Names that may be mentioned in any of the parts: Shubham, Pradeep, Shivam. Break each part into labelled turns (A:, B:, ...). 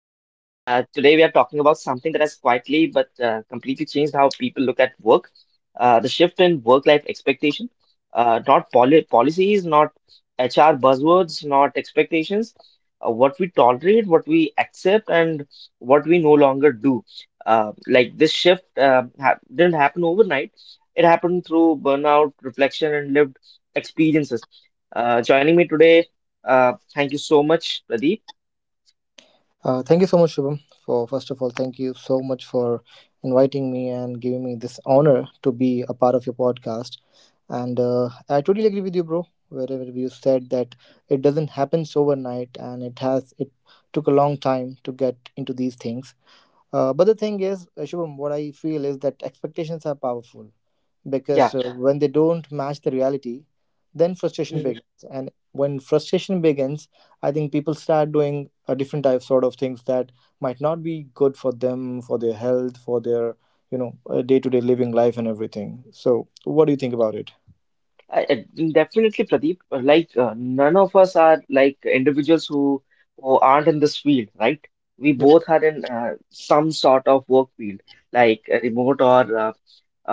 A: are talking about something that has quietly but completely changed how people look at work, the shift in work-life expectation, not policies, not HR buzzwords, not expectations, what we tolerate, what we accept, and what we no longer do. Like this shift ha didn't happen overnight. It happened through burnout, reflection, and lived experiences. Joining me today, thank you so much, Pradeep.
B: Thank you so much, Shubham. For First of all, thank you so much for inviting me and giving me this honor to be a part of your podcast. And I totally agree with you, bro. Wherever you said that it doesn't happen overnight, and it took a long time to get into these things. But the thing is, Shubham, what I feel is that expectations are powerful,
A: Yeah.
B: because when they don't match the reality, then frustration begins, and when frustration begins, I think people start doing a different type sort of things that might not be good for them, for their health, for their, day-to-day living life, and everything. So what do you think about it?
A: I, I- Definitely, Pradeep. Like none of us are like individuals who aren't in this field, right? We
B: Yep.
A: both are in some sort of work field, like remote or uh,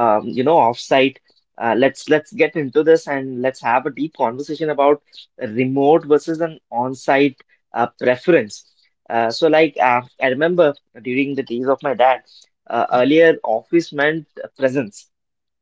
A: um, you know, offsite. Let's get into this and let's have a deep conversation about remote versus an on-site preference. So, like, I remember during the days of my dad. Earlier, office meant presence,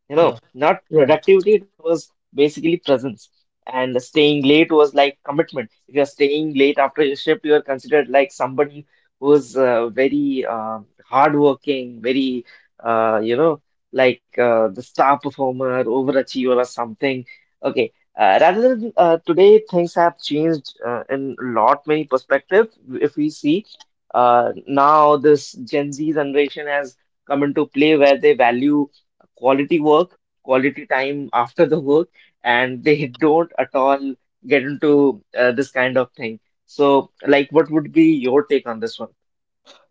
A: you know,
B: Yeah.
A: not
B: Yeah.
A: productivity, it was basically presence. And staying late was like commitment. If you're staying late after your shift, you're considered like somebody who's very, hardworking, very, you know, like the star performer, overachiever, or something. Okay. Rather than today, things have changed in a lot many perspective. If we see, now, this Gen Z generation has come into play where they value quality work, quality time after the work, and they don't at all get into this kind of thing. So, like, what would be your take on this one?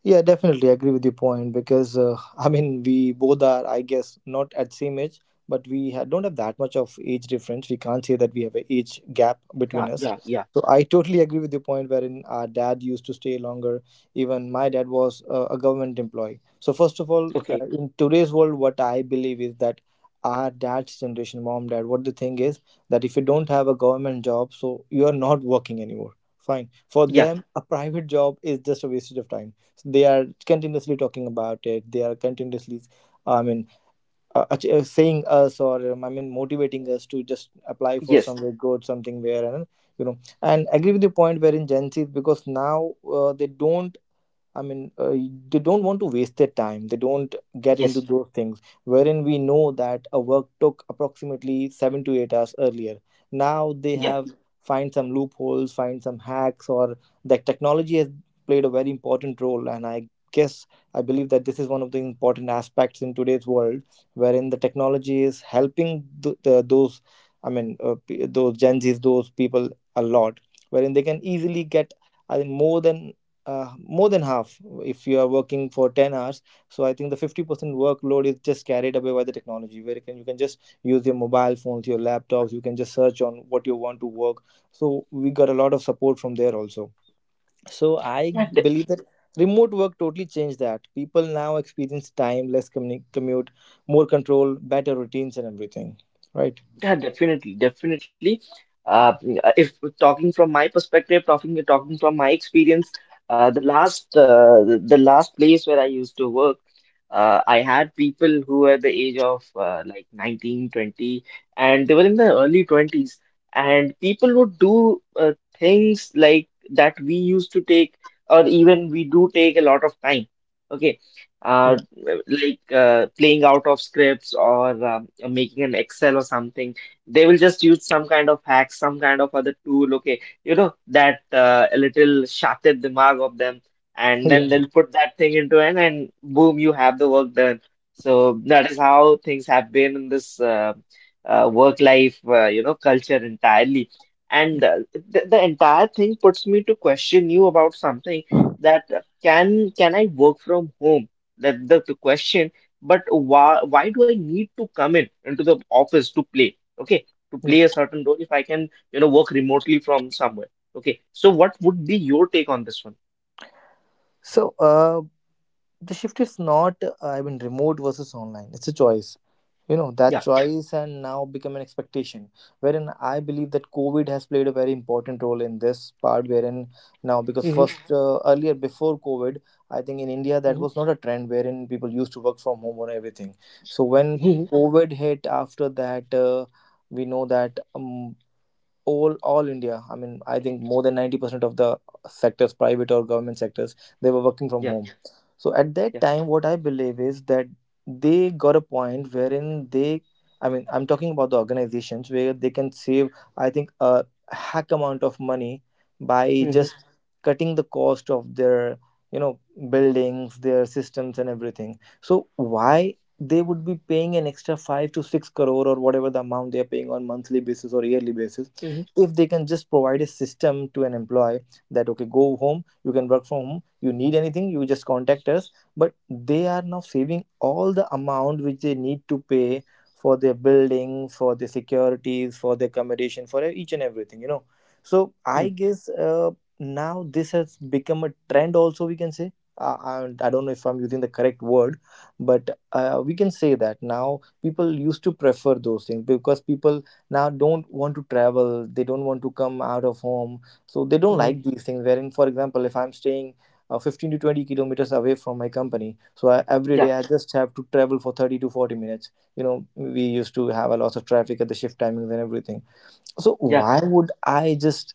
B: Yeah, definitely agree with your point because I mean, we both are, I guess, not at same age, but we don't have that much of age difference. We can't say that we have an age gap between
A: Yeah,
B: us.
A: yeah, yeah.
B: So I totally agree with your point wherein our dad used to stay longer. Even my dad was a government employee. So first of all,
A: Okay.
B: in today's world, what I believe is that our dad's generation, mom, dad, what the thing is, that if you don't have a government job, so you are not working anymore. Fine. For
A: Yeah,
B: them, a private job is just a wastage of time. They are continuously talking about it. They are continuously, I mean, saying us, or I mean, motivating us to just apply for
A: yes,
B: somewhere good, something where. And and agree with the point wherein Gen Z, because now they don't. I mean, they don't want to waste their time. They don't get into
A: yes,
B: those things wherein we know that a work took approximately 7 to 8 hours earlier. Now they
A: yeah.
B: have find some loopholes, find some hacks, or that technology has played a very important role. And I guess I believe that this is one of the important aspects in today's world, wherein the technology is helping the, those, I mean, those Gen Zs, those people a lot, wherein they can easily get, I think, more than half, if you are working for 10 hours. So I think the 50% workload is just carried away by the technology, where you can just use your mobile phones, your laptops. You can just search on what you want to work. So we got a lot of support from there also. So I
A: Yeah,
B: believe that remote work totally changed that. People now experience time less, commute, more control, better routines, and everything, right?
A: yeah, definitely, definitely. Uh, if talking from my perspective, talking from my experience, the last, the last place where I used to work, I had people who were the age of like 19, 20, and they were in the early 20s, and people would do things like that we used to take, or even we do take a lot of time. Okay.
B: Yeah.
A: uh, like playing out of scripts or making an Excel or something, they will just use some kind of hack, some kind of other tool, okay, you know, that a little shafted dimag of them, and then they'll
B: Yeah.
A: put that thing into an and boom, you have the work done. So that is how things have been in this work life, you know, culture entirely. And the entire thing puts me to question you about something, that can I work from home? That the question, but why do I need to come in into the office to play? Okay, to
B: Yeah.
A: play a certain role if I can, you know, work remotely from somewhere. Okay. So what would be your take on this one?
B: So the shift is not, I mean, remote versus online, it's a choice. You know that
A: Yeah.
B: choice and now become an expectation, wherein I believe that COVID has played a very important role in this part, wherein now, because
A: Hmm.
B: first earlier, before COVID, I think in India that
A: Hmm.
B: was not a trend wherein people used to work from home or everything. So when
A: Hmm.
B: COVID hit, after that, we know that, all India. I mean, I think more than 90% of the sectors, private or government sectors, they were working from
A: Yeah.
B: home. So at that
A: Yeah.
B: time, what I believe is that they got a point wherein they, I mean, I'm talking about the organizations where they can save, I think, a hack amount of money, by
A: Hmm.
B: just cutting the cost of their, you know, buildings, their systems, and everything. So why? They would be paying an extra 5 to 6 crore, or whatever the amount they are paying, on monthly basis or yearly basis,
A: Hmm.
B: if they can just provide a system to an employee that, okay, go home, you can work from home, you need anything, you just contact us. But they are now saving all the amount which they need to pay for their building, for their securities, for their accommodation, for each and everything. So I
A: Hmm.
B: guess, now this has become a trend also, we can say. I don't know if I'm using the correct word, but we can say that now people used to prefer those things, because people now don't want to travel, they don't want to come out of home. So they don't
A: Hmm.
B: like these things, wherein, for example, if I'm staying 15 to 20 kilometers away from my company, so every day
A: Yeah.
B: I just have to travel for 30 to 40 minutes. You know, we used to have a lot of traffic at the shift timings and everything. So
A: Yeah.
B: why would I just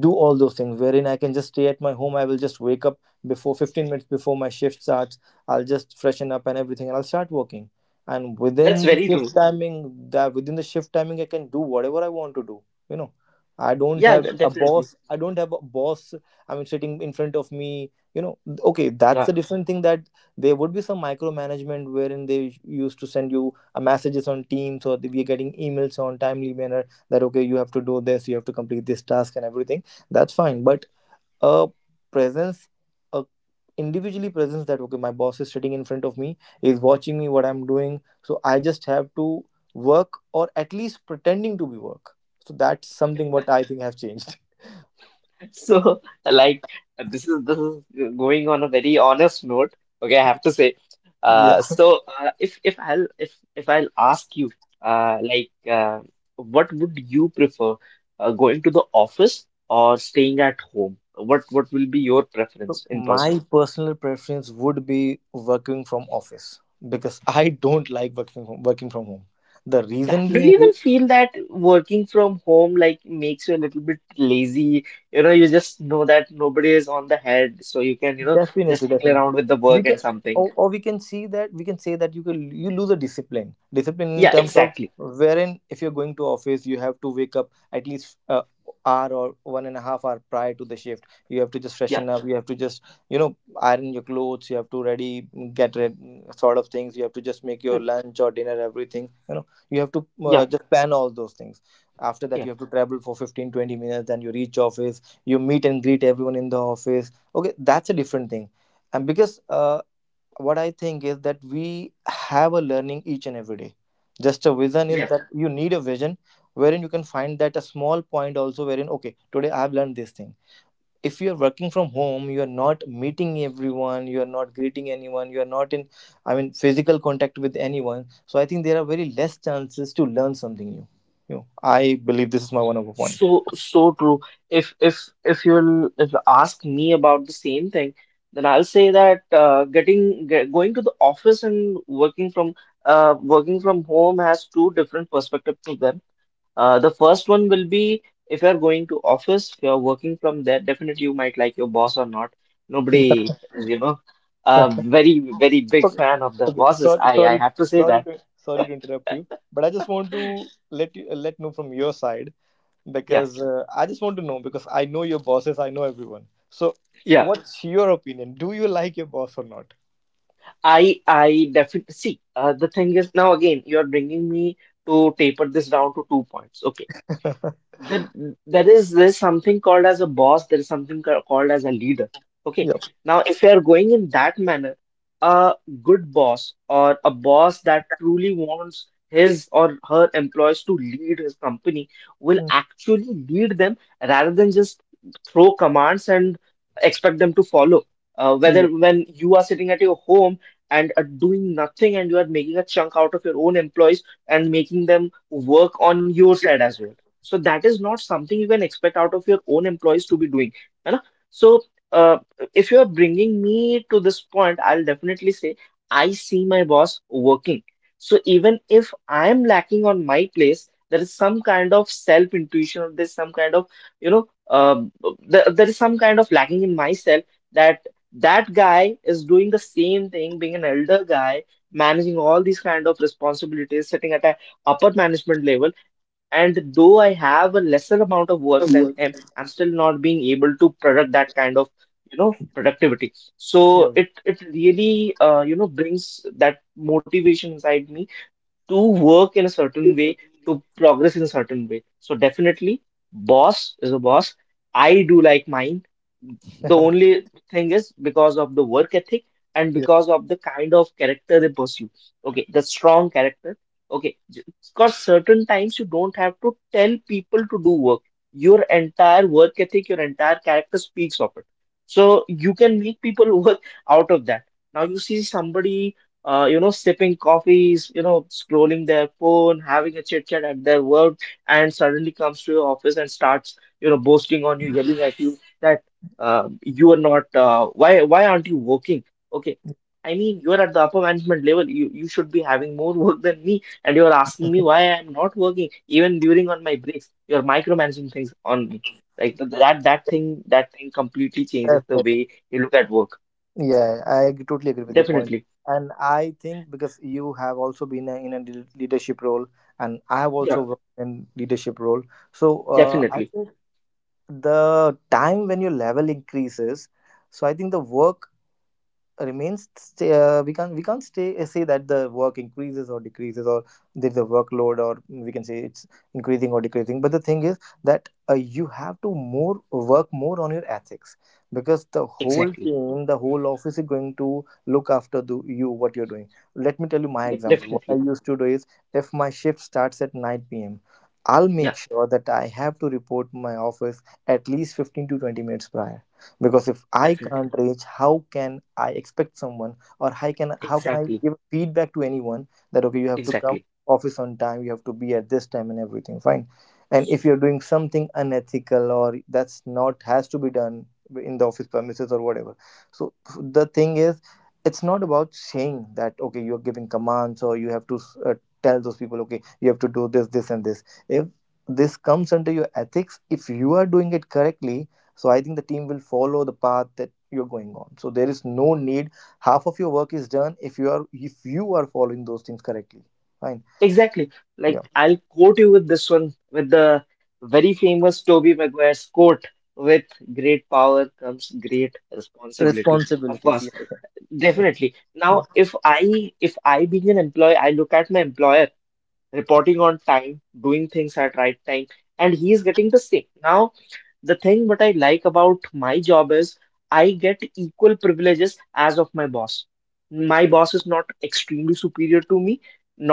B: do all those things wherein I can just stay at my home? I will just wake up before 15 minutes before my shift starts, I'll just freshen up and everything, and I'll start working. And
A: That's very true.
B: within the shift timing I can do whatever I want to do. You know, i don't
A: Yeah,
B: have a
A: definitely.
B: boss i don't have a boss, I mean, sitting in front of me. Okay, that's
A: Yeah.
B: a different thing. That there would be some micromanagement wherein they used to send you a messages on Teams, or we are getting emails on timely manner, that, okay, you have to do this, you have to complete this task and everything, that's fine. But a presence a individually presence, that, okay, my boss is sitting in front of me, is watching me what I'm doing, so I just have to work, or at least pretending to be work. So that's something what I think have changed.
A: So, like, this is going on a very honest note. Okay, I have to say.
B: Yeah.
A: So if I'll ask you, like, what would you prefer, going to the office or staying at home? What will be your
B: So
A: preference in person?
B: my personal preference would be working from office, because I don't like working from home. The
A: Yeah.
B: reason
A: Do
B: being.
A: you even feel that working from home like makes you a little bit lazy? You know, you just know that nobody is on the head, so you can, you know, just
B: Definitely,
A: tickle
B: definitely.
A: around with the
B: We
A: work
B: can,
A: and something.
B: or we can say that you lose a discipline in
A: Yeah,
B: terms of
A: exactly.
B: wherein, if you're going to office, you have to wake up at least a hour or 1.5 hour prior to the shift. You have to just
A: Yeah.
B: freshen up. You have to just you know iron your clothes. You have to get ready, sort of things. You have to just make your
A: Mm,
B: lunch or dinner, everything. You know, you have to
A: Yeah,
B: just plan all those things. After
A: yeah.
B: that, you have to travel for 15-20 minutes. Then you reach office. You meet and greet everyone in the office. Okay, that's a different thing. And because, what I think is that we have a learning each and every day. Just a
A: Yeah,
B: vision
A: yeah.
B: is that you need a vision, wherein you can find that a small point also, wherein, okay, today I've learned this thing. If you're working from home, you're not meeting everyone, you're not greeting anyone, you're not in, I mean, physical contact with anyone. So I think there are very less chances to learn something new you know I believe this is my one of a point.
A: So so true. If if if you ask me about the same thing, then I'll say that getting going to the office and working from, working from home has two different perspectives to them. The first one will be if you're going to office, if you're working from there, definitely you might like your boss or not. Nobody is, you know, a
B: Yeah.
A: very big
B: Okay.
A: fan of the
B: Okay.
A: bosses.
B: Sorry,
A: I
B: sorry,
A: have to say
B: sorry
A: that.
B: to sorry to interrupt you, but I just want to let know from your side,
A: Yeah,
B: because I just want to know, because I know your bosses, I know everyone. So,
A: yeah.
B: what's your opinion? Do you like your boss or not?
A: I definitely see. The thing is now again, you're bringing me to taper this down to two points. Okay, that there's something called as a boss, there is something called as a leader, okay.
B: Yep.
A: Now if you are going in that manner, a good boss or a boss that truly wants his or her employees to lead his company will
B: Mm.
A: actually lead them, rather than just throw commands and expect them to follow. Whether
B: Yeah.
A: when you are sitting at your home and are doing nothing, and you are making a chunk out of your own employees and making them work on your side as well, so that is not something you can expect out of your own employees to be doing. You know? So uh, if you are bringing me to this point, I'll definitely say I see my boss working. So even if I am lacking on my place, there is some kind of self-intuition, or there's some kind of, you know, there is some kind of lacking in myself, that that guy is doing the same thing, being an elder guy, managing all these kind of responsibilities, sitting at a upper management level, and though I have a lesser amount of work than
B: Work.
A: him, I'm still not being able to product that kind of, you know, productivity. So
B: Yeah.
A: it really, you know, brings that motivation inside me to work in a certain
B: Yes, sir.
A: way, to progress in a certain way. So definitely, boss is a boss, I do like mine. The only thing is because of the work ethic, and
B: Yeah.
A: because of the kind of character they pursue, okay, the strong character, okay. Because certain times you don't have to tell people to do work, your entire work ethic, your entire character speaks of it, so you can make people work out of that. Now you see somebody, you know, sipping coffees, you know, scrolling their phone, having a chit chat at their work, and suddenly comes to your office and starts, you know, boasting on you, yelling at you, that you are not, why aren't you working? Okay. I mean, you're at the upper management level. You should be having more work than me, and you're asking me why I'm not working, even during on my breaks. You're micromanaging things on me. Like that thing, that thing completely changes the
B: Definitely.
A: way you look at work.
B: Yeah, I totally agree with your point.
A: Definitely.
B: And I think, because you have also been in a leadership role, and I have
A: Yeah,
B: also worked in leadership role, so, I
A: definitely.
B: think the time when your level increases, so I think the work we can't say that the work increases or decreases, or there's a workload, or we can say it's increasing or decreasing, but the thing is that, you have to more work more on your ethics, because the whole
A: Exactly.
B: team, the whole office, is going to look after you what you're doing. Let me tell you my example. What I
A: Definitely.
B: used to do is, if my shift starts at 9 p.m., I'll
A: Yeah,
B: make sure that I have to report my office at least 15 to 20 minutes prior, because if I
A: definitely.
B: can't reach, how can I expect someone, or how can I
A: Exactly.
B: give feedback to anyone that, okay, you have to come
A: Exactly.
B: office on time, you have to be at this time and everything, fine. And if you're doing something unethical, or that's not has to be done in the office premises or whatever, so the thing is, it's not about saying that, okay, you're giving commands, or you have to uh, tell those people, okay, you have to do this, this, and this. If this comes under your ethics, if you are doing it correctly, so I think the team will follow the path that you're going on. So there is no need. Half of your work is done if you are following those things correctly. Fine.
A: Exactly.
B: Yeah.
A: Like I'll quote you with this one, with the very famous Toby Maguire's quote: with great power comes great responsibility. Of
B: Responsibilities.
A: course,
B: Yeah.
A: definitely.
B: Yeah.
A: Now, if I being an employee, I look at my employer reporting on time, doing things at right time, and he is getting the same. Now, the thing what I like about my job is I get equal privileges as of my boss. My boss is not extremely superior to me,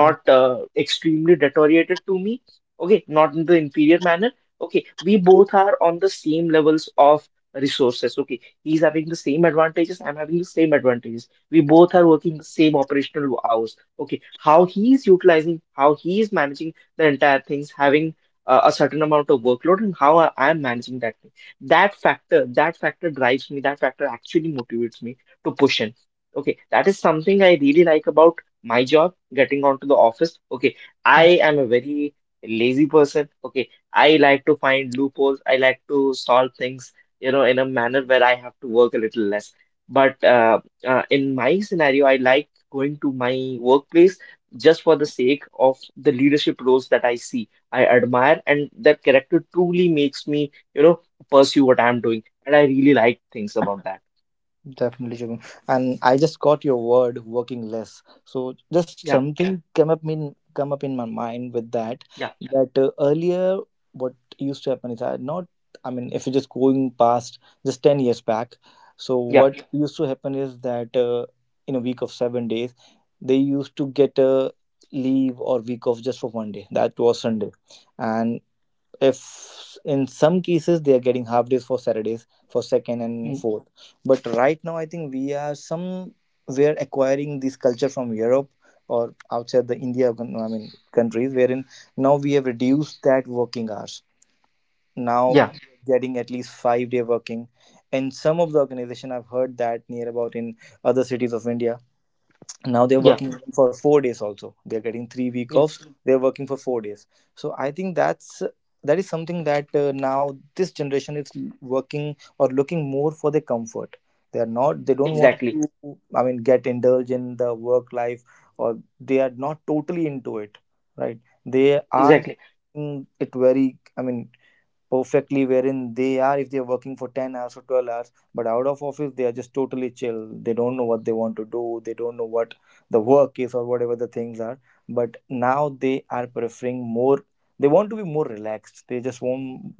B: Mm.
A: extremely deteriorated to me. Okay, not in the inferior manner. Okay, we both are on the same levels of resources. Okay, he's having the same advantages. I'm having the same advantages. We both are working the same operational hours. Okay, how he is utilizing, how he is managing the entire things, having a certain amount of workload, and how I'm managing that thing. That factor drives me, that factor actually motivates me to push in. Okay, that is something I really like about my job, getting onto the office. Okay, I am a very lazy person. Okay, I like to find loopholes, I like to solve things, you know, in a manner where I have to work a little less. But in my scenario, I like going to my workplace just for the sake of the leadership roles that I see, I admire, and that character truly makes me, you know, pursue what I'm doing. And I really like things about that.
B: Definitely, Shubham. And I just got your word "working less." So just, yeah,
A: Yeah,
B: something came up in come up in my mind with that.
A: yeah,
B: Yeah. That earlier, what used to happen is I not. I mean, if you're just going past just 10 years back, so
A: yeah,
B: what, yeah, used to happen is that in a week of 7 days, they used to get a leave or week off just for one day. That was Sunday, and if in some cases they are getting half days for Saturdays for second and
A: mm,
B: fourth, but right now I think we are acquiring this culture from Europe or outside the India, I mean, countries wherein now we have reduced that working hours, now
A: yeah,
B: getting at least 5 day working. And some of the organization I've heard that near about in other cities of India, now they're
A: yeah,
B: working, mhm, for 4 days also, they're getting 3 week
A: yeah,
B: offs, they're working for 4 days. So I think that is something that now this generation is working or looking more for their comfort. They are not they don't want
A: exactly,
B: to, I mean, get indulged in the work life, or they are not totally into it, right? They are,
A: exactly.
B: it very, I mean, perfectly wherein they are, if they are working for 10 hours or 12 hours but out of office they are just totally chill, they don't know what they want to do, they don't know what the work is or whatever the things are. But now they are preferring more, they want to be more relaxed, they just want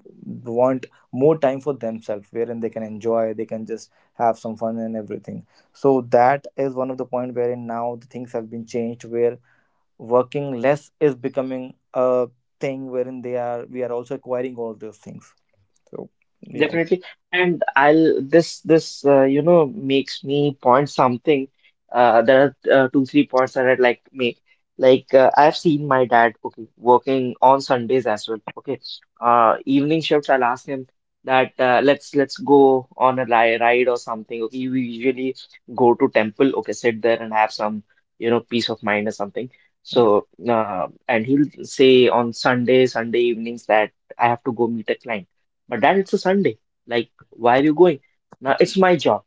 B: want more time for themselves wherein they can enjoy, they can just have some fun and everything. So that is one of the point wherein now the things have been changed, where working less is becoming a thing wherein they are we are also acquiring all those things. So, yeah.
A: Definitely. And I'll, this you know, makes me point something. There are two three points that I'd like to make. Like I've seen my dad, okay, working on Sundays as well. Okay, evening shifts. I'll ask him that, let's go on a li ride or something. Okay, we usually go to temple. Okay, sit there and have some, you know, peace of mind or something.
B: Yeah.
A: So and he'll say on Sunday evenings that I have to go meet a client. But that, it's a Sunday. Like, why are you going? Now, it's my job.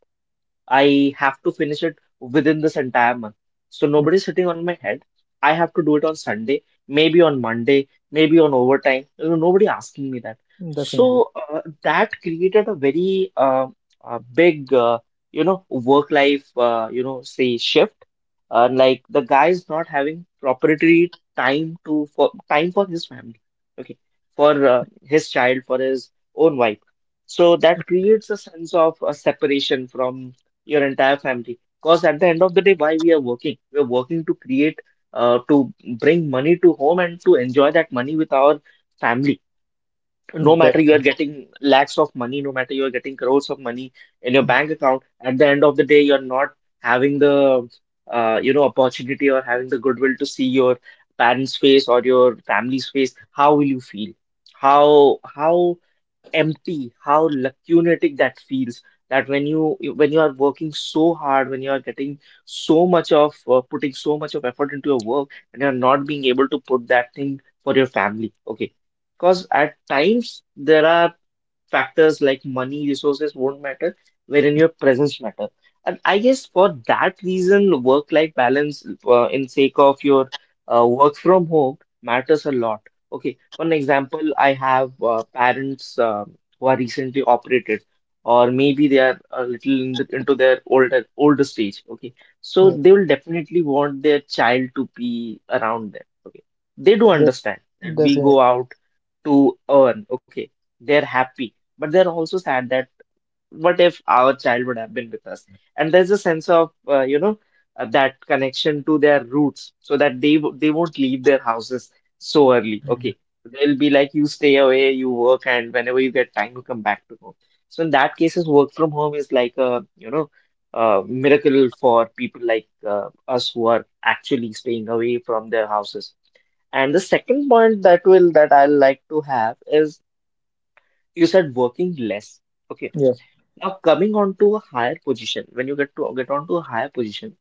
A: I have to finish it within this entire month. So
B: Mm.
A: nobody's sitting on my head. I have to do it on Sunday, maybe on Monday, maybe on overtime. You know, nobody asking me that.
B: Definitely.
A: That created a very big, work life, say shift. Like, the guy is not having proprietary time to for time for his family, okay, for his child, for his own wife. So that creates a sense of a separation from your entire family. Because at the end of the day, why we are working? We are working to create, to bring money to home and to enjoy that money with our family. No
B: Def-
A: matter you are getting lakhs of money, no matter you are getting crores of money in your
B: mm,
A: bank account, at the end of the day, you're not having the opportunity or having the goodwill to see your parents' face or your family's face. How will you feel? How empty, how lacunatic that feels. That when you are working so hard, when you are getting so much of putting so much of effort into your work, and you are not being able to put that thing for your family. Okay, because at times there are factors like money, resources won't matter, wherein your presence matter. And I guess for that reason, work-life balance in sake of your work from home matters a lot. Okay, for an example, I have parents who are recently operated, or maybe they are a little into their older stage. Okay, so
B: yeah,
A: they will definitely want their child to be around them. Okay, they do
B: def-
A: understand that we
B: definitely.
A: go out to earn. Okay, they're happy but they're also sad that what if our child would have been with us? And there's a sense of that connection to their roots, so that they won't leave their houses so early.
B: Mm.
A: Okay, they'll be like you stay away, you work, and whenever you get time, you come back to home. So in that cases, work from home is like a a miracle for people like us who are actually staying away from their houses. And the second point that I like to have is you said working less. Okay.
B: Yeah.
A: Now coming on to a higher position, when you get on to a higher position,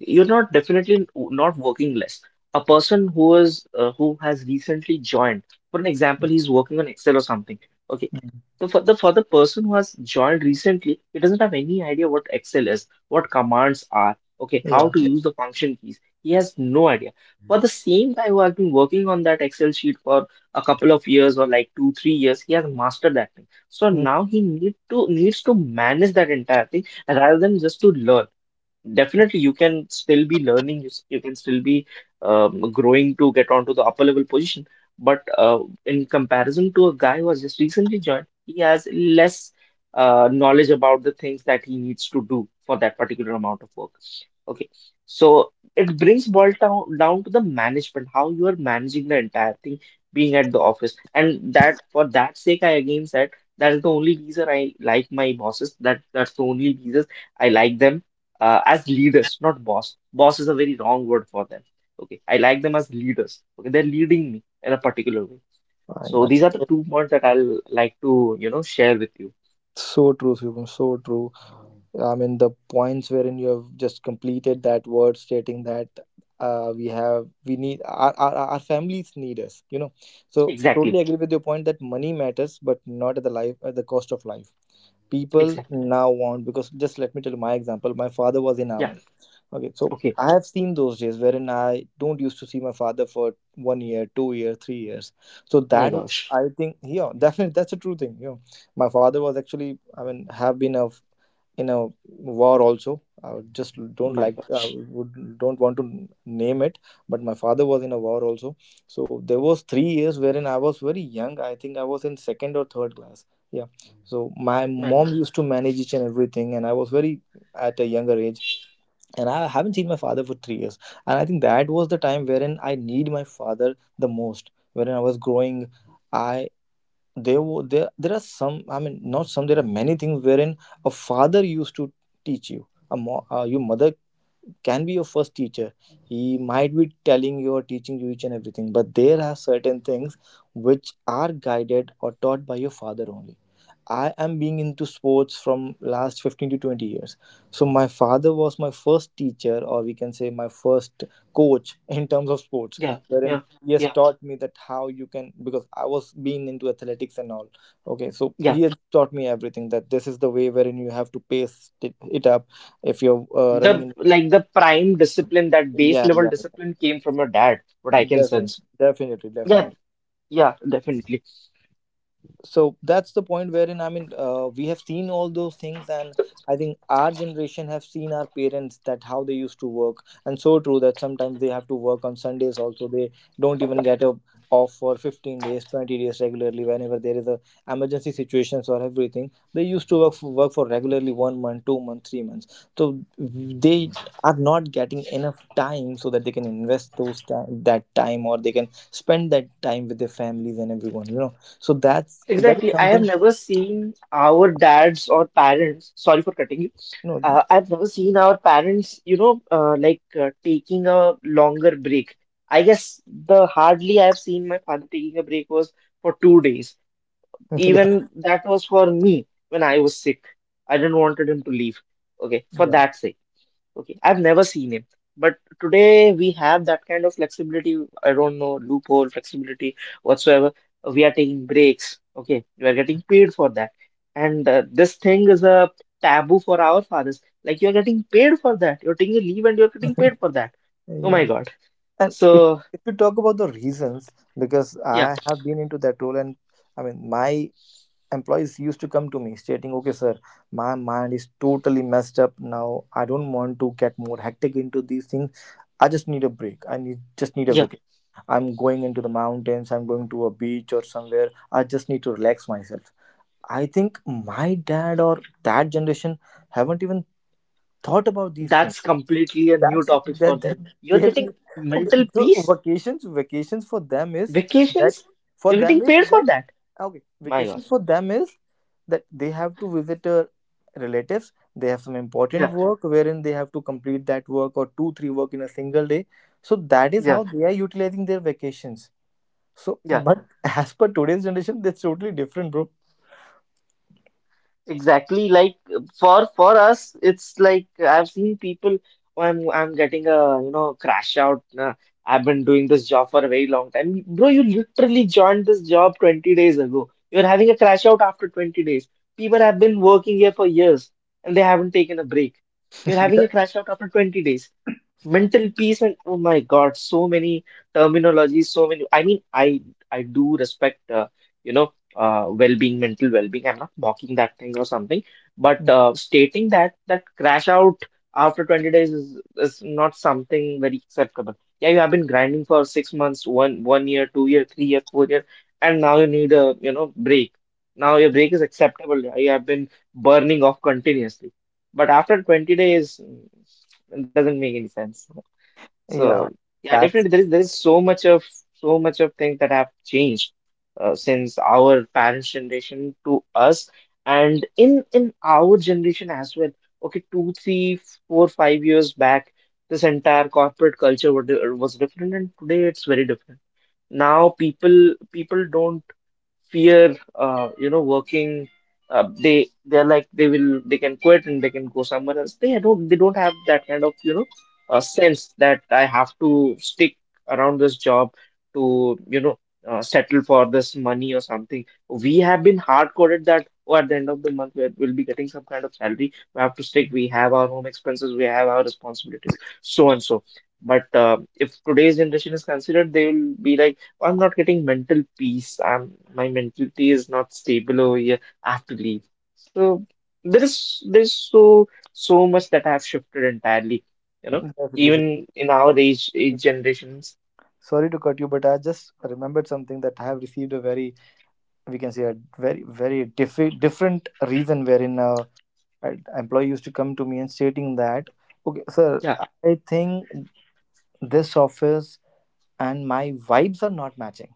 A: you're not definitely not working less. A person who is who has recently joined, for an example, he's working on Excel or something. Okay.
B: Mm.
A: So for the person who has joined recently, he doesn't have any idea what Excel is, what commands are, okay,
B: Yeah.
A: how to use the function keys. He has no idea. For the same guy who has been working on that Excel sheet for a couple of years or like two, 3 years, he has mastered that thing. So
B: Mm.
A: now he needs to manage that entire thing rather than just to learn. Definitely, you can still be learning. You can still be growing to get onto the upper level position. But in comparison to a guy who has just recently joined, he has less knowledge about the things that he needs to do for that particular amount of work. Okay, so it brings boils down to the management, how you are managing the entire thing, being at the office, and that for that sake, I again said that is the only reason I like my bosses. That's the only reason I like them as leaders, not boss. Boss is a very wrong word for them. Okay, I like them as leaders. Okay, they're leading me in a particular way.
B: Fine.
A: So
B: Fine.
A: these are the
B: So
A: 2 points that I'll like to, share with you.
B: so true, Shubham, so true. I mean, the points wherein you have just completed that word stating that we need, our families need us. So,
A: Exactly,
B: totally agree with your point that money matters, but not at the cost of life. People
A: exactly.
B: now want, because just let me tell you my example. My father was in
A: Yeah.
B: army. Okay, so
A: Okay.
B: I have seen those days wherein I don't used to see my father for 1 year, 2 year, 3 years. So
A: My
B: that was,
A: gosh.
B: I think, yeah, definitely that's a true thing. You know, my father was actually, I mean, have been a in a war also. I would just don't
A: My gosh.
B: would don't want to name it, but my father was in a war also. So there was 3 years wherein I was very young. I think I was in second or third class. Yeah. So my
A: My
B: mom
A: gosh.
B: used to manage each and everything, and I was very at a younger age, and I haven't seen my father for 3 years. And I think that was the time wherein I need my father the most, wherein I was growing. I there are some, I mean, not some, there are many things wherein a father used to teach you. Your mother can be your first teacher, he might be telling you or teaching you each and everything, but there are certain things which are guided or taught by your father only. I am being into sports from last 15 to 20 years. So my father was my first teacher, or we can say my first coach in terms of sports,
A: Yeah. Yeah.
B: wherein he has
A: Yeah.
B: taught me that how you can, because I was being into athletics and all. Okay, so
A: Yeah.
B: he has taught me everything, that this is the way wherein you have to pace it up if you're running
A: The
B: in,
A: like the prime discipline, that base
B: yeah,
A: level
B: yeah, yeah.
A: discipline came from your dad, what I can
B: Definitely,
A: sense.
B: definitely,
A: Yeah.
B: definitely.
A: Yeah, definitely.
B: So that's the point wherein, I mean, we have seen all those things, and I think our generation have seen our parents that how they used to work. And so true that sometimes they have to work on Sundays also, they don't even get a off for 15 days, 20 days regularly. Whenever there is a emergency situations or everything, they used to work for regularly 1 month, 2 months, 3 months, so they are not getting enough time, so that they can invest that time, or they can spend that time with their families and everyone. So that is
A: Exactly. I have
B: something.
A: never seen our dads or parents, sorry for cutting you.
B: No.
A: I've never seen our parents, like taking a longer break. I guess the hardly I've seen my father taking a break was for 2 days.
B: Yeah.
A: Even that was for me when I was sick. I didn't wanted him to leave. Okay, for
B: Yeah.
A: that sake. Okay, I've never seen him. But today we have that kind of flexibility. I don't know, loophole flexibility whatsoever. We are taking breaks. Okay, we are getting paid for that. And this thing is a taboo for our fathers. Like you're getting paid for that. You're taking a leave and you're getting paid for that. Oh my
B: Yeah.
A: God.
B: And if,
A: So
B: you talk about the reasons, because
A: yeah,
B: I have been into that role and, I mean, my employees used to come to me stating, okay, sir, my mind is totally messed up now, I don't want to get more hectic into these things, I just need a break, I need just need a
A: yeah,
B: vacation, I'm going into the mountains, I'm going to a beach or somewhere, I just need to relax myself. I think my dad or that generation haven't even thought about these things.
A: that's completely a new
B: That's
A: topic for
B: that, that
A: them.
B: they
A: You're
B: have
A: getting
B: been- okay.
A: mental
B: So
A: peace,
B: vacations for them is that,
A: vacations.
B: for
A: You're
B: them
A: getting
B: is
A: paid for
B: that
A: that.
B: okay.
A: My
B: Vacations
A: gosh.
B: for them is that they have to visit relatives. They have some important
A: Yeah,
B: work wherein they have to complete that work or two three work in a single day. So that is
A: yeah,
B: how they are utilizing their vacations. So,
A: yeah.
B: but as per today's generation, that's totally different, bro.
A: Exactly, like for us, it's like I've seen people. Oh, I'm getting a crash out. I've been doing this job for a very long time, bro. You literally joined this job 20 days ago. You're having a crash out after 20 days. People have been working here for years and they haven't taken a break. You're having
B: Yeah.
A: a crash out after 20 days. Mental peace and oh my God, so many terminologies, so many. I do respect you know well-being, mental well-being. I'm not mocking that thing or something, but stating that crash out after 20 days is not something very acceptable. Yeah, you have been grinding for 6 months, one year, 2 year, 3 year, 4 year, and now you need a break. Now your break is acceptable. Yeah, you have been burning off continuously, but after 20 days, it doesn't make any sense. So
B: Yeah,
A: yeah,
B: that's
A: definitely there is so much of things that have changed since our parents' generation to us, and in our generation as well. Okay, two, three, four, 5 years back, this entire corporate culture was different, and today it's very different. Now people don't fear working they they're like they can quit and they can go somewhere else. They don't have that kind of sense that I have to stick around this job to settle for this money or something. We have been hard coded that oh, at the end of the month we will be getting some kind of salary, we have to stick, we have our home expenses, we have our responsibilities, so and so. But if today's generation is considered, they will be like I'm not getting mental peace. I'm My mentality is not stable over here. I have to leave. So there's so much that I have shifted entirely. You know,
B: definitely.
A: even in our age generations,
B: Sorry to cut you, but I just remembered something, that I have received a very, we can say, a very very different reason wherein an employee used to come to me and stating that, okay, sir,
A: yeah,
B: I think this office and my vibes are not matching.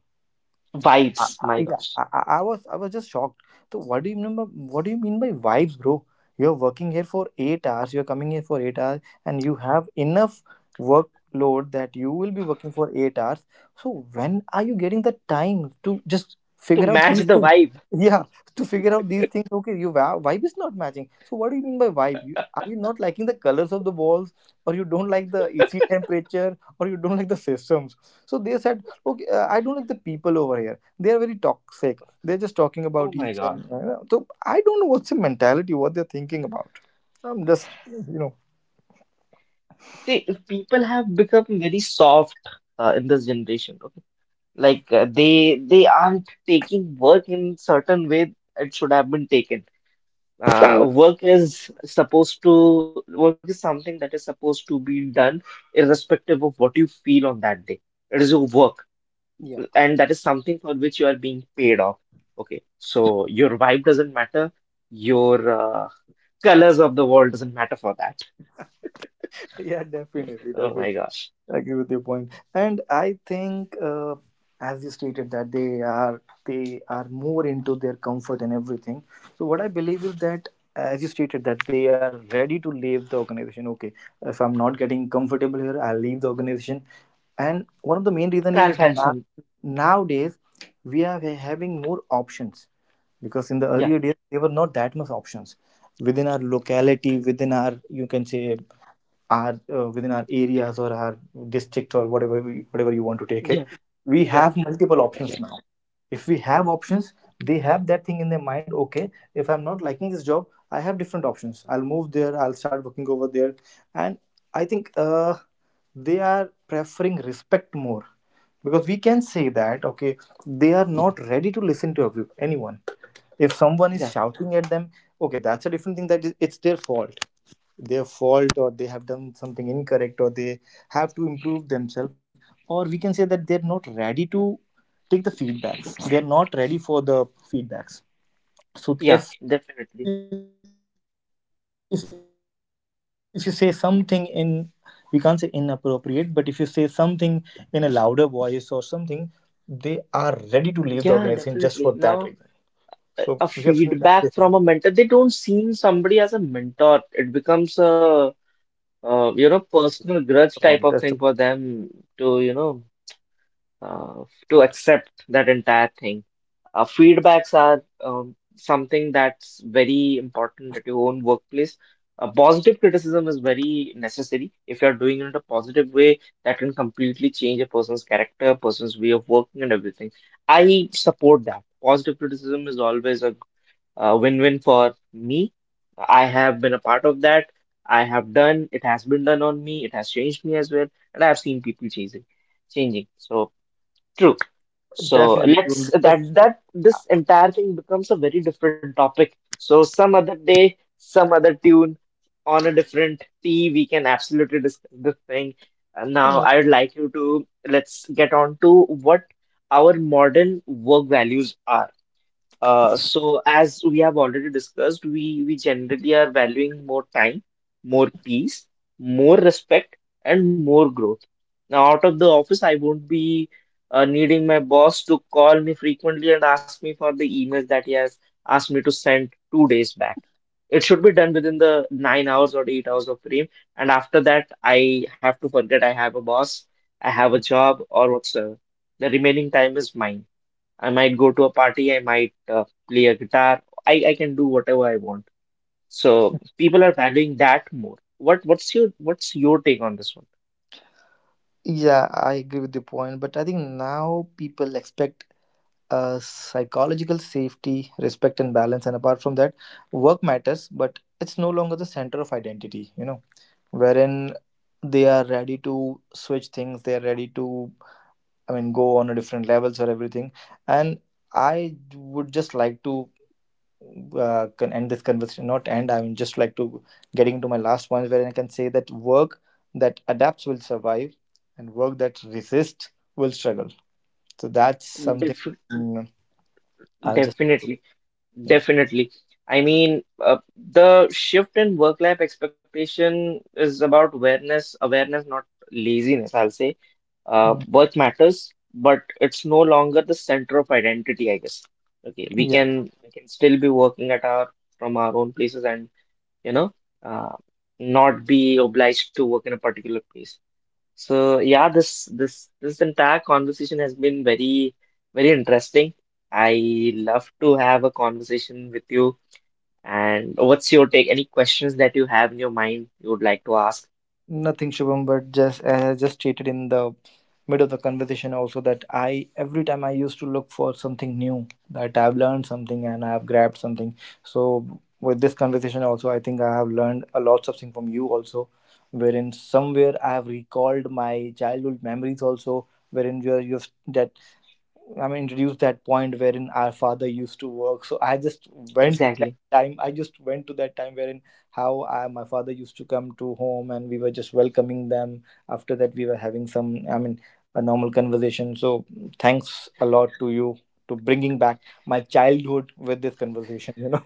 B: I,
A: vibes. My
B: yeah,
A: gosh,
B: I was just shocked. So what do you mean by, what do you mean by vibes, bro? You're working here for 8 hours, you're coming here for 8 hours, and you have enough workload that you will be working for 8 hours. So when are you getting the time to just
A: to
B: figure out
A: match
B: these
A: the
B: things?
A: vibe.
B: Yeah, to figure out these things. Okay, your vibe is not matching. So what do you mean by vibe? Are you not liking the colors of the walls, or you don't like the AC temperature, or you don't like the systems? So they said, okay, I don't like the people over here, they are very toxic, they're just talking
A: Oh
B: about
A: my
B: each
A: God.
B: and, so I don't know what's the mentality, what they're thinking about, I'm just,
A: See, people have become very soft in this generation. Okay, like they aren't taking work in certain way it should have been taken. Work is something that is supposed to be done irrespective of what you feel on that day. It is your work,
B: yeah.
A: and that is something for which you are being paid off. Okay, so your vibe doesn't matter, your colors of the world doesn't matter for that.
B: Yeah, definitely,
A: Oh my
B: definitely.
A: gosh.
B: I agree with your point. And I think, as you stated that they are more into their comfort and everything. So what I believe is that, as you stated, that they are ready to leave the organization. Okay, if I'm not getting comfortable here, I'll leave the organization. And one of the main reason is,
A: I'll find some.
B: nowadays, we are having more options, because in the
A: Yeah.
B: earlier days there were not that much options within our
A: Mm.
B: locality, within our, you can say, our, within our areas or our district, or whatever we, whatever you want to take it,
A: Yeah.
B: we
A: Yeah.
B: have multiple options now. If we have options, they have that thing in their mind, okay, if I'm not liking this job, I have different options, I'll move there, I'll start working over there. And I think, they are preferring respect more, because we can say that, okay, they are not ready to listen to every, anyone. If someone is
A: Yeah.
B: shouting at them, okay, that's a different thing, that is, it's their fault, their fault, or they have done something incorrect, or they have to improve themselves, or we can say that they're not ready to take the feedbacks, they're not ready for the feedbacks. So
A: Yeah.
B: if,
A: Definitely.
B: you say something in, we can't say inappropriate, but if you say something in a louder voice or something, they are ready to leave the organization just for that reason. So we have
A: Yeah.
B: seen that
A: Definitely.
B: cases also.
A: Now, a feedback from a mentor. They don't see somebody as a mentor. It becomes a
B: That's the point that's the
A: personal grudge type of thing for them to uh, to accept that entire thing. Feedbacks are something that's very important at your own workplace. Positive criticism is very necessary. If you're doing it in a positive way, that can completely change a person's character, person's way of working, and everything. I support that. Positive criticism is always a win-win for me. I have been a part of that. I have done, it has been done on me, it has changed me as well, and I've seen people changing. So true.
B: point.
A: So
B: Definitely.
A: let's
B: That's-
A: that that this entire thing becomes a very different topic. So some other day, some other tune, on a different tea, we can absolutely discuss this thing. And now I would like you to, let's get on to what our modern work values are. So as we have already discussed, we generally are valuing more time, more peace, more respect, and more growth. Now, out of the office, I won't be needing my boss to call me frequently and ask me for the emails that he has asked me to send 2 days back. It should be done within the 9 hours or 8 hours of frame, and after that, I have to forget I have a boss, I have a job, or whatsoever. The remaining time is mine. I might go to a party, I might play a guitar. I can do whatever I want. So people are valuing that more. What's your take on this
B: yeah, I agree with the point, but I think now people expect, psychological safety, respect, and balance. And apart from that, work matters, but it's no longer the center of identity. Wherein they are ready to switch things, they are ready to, I mean, go on a different levels or everything. And I would just like to, can end this conversation, not end, I mean, just like to getting into my last one, where I can say that work that adapts will survive, and work that resists will struggle. So that's
A: one?
B: something. mm, I'll just,
A: Definitely,
B: yeah.
A: definitely. I mean, the shift in work-life expectation is about awareness, not laziness, I'll say.
B: Mm.
A: Work matters, but it's no longer the center of identity, I guess. Okay,
B: Yeah.
A: we can still be working at our from our own places and, you know, uh, not be obliged to work in a particular place. So yeah, this entire conversation has been very interesting. I love to have a conversation with you. And what's your take? Any questions that you have in your mind you would like to ask?
B: Nothing, Shubham, but just as I just stated in the mid of the conversation also, that I every time I used to look for something new, that I've learned something and I've grabbed something. So with this conversation also, I think I have learned a lot of things from you also, wherein somewhere I have recalled my childhood memories also, wherein you are you've that I mean, introduced that point wherein our father used to work. So I just went to that
A: Exactly.
B: time. I just went to that time wherein how my father used to come to home and we were just welcoming them. After that, we were having some, I mean, a normal conversation. So thanks a lot to you to bringing back my childhood with this conversation.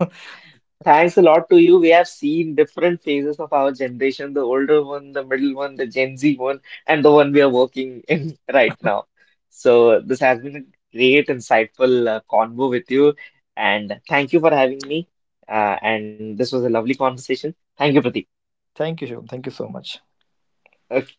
A: Thanks a lot to you. We have seen different phases of our generation, the older one, the middle one, the Gen Z one, and the one we are working in right now. So this has been a great, insightful convo with you, and thank you for having me. And this was a lovely conversation. Thank you, Pradeep.
B: Thank you, Shivam. Thank you so much.
A: Okay.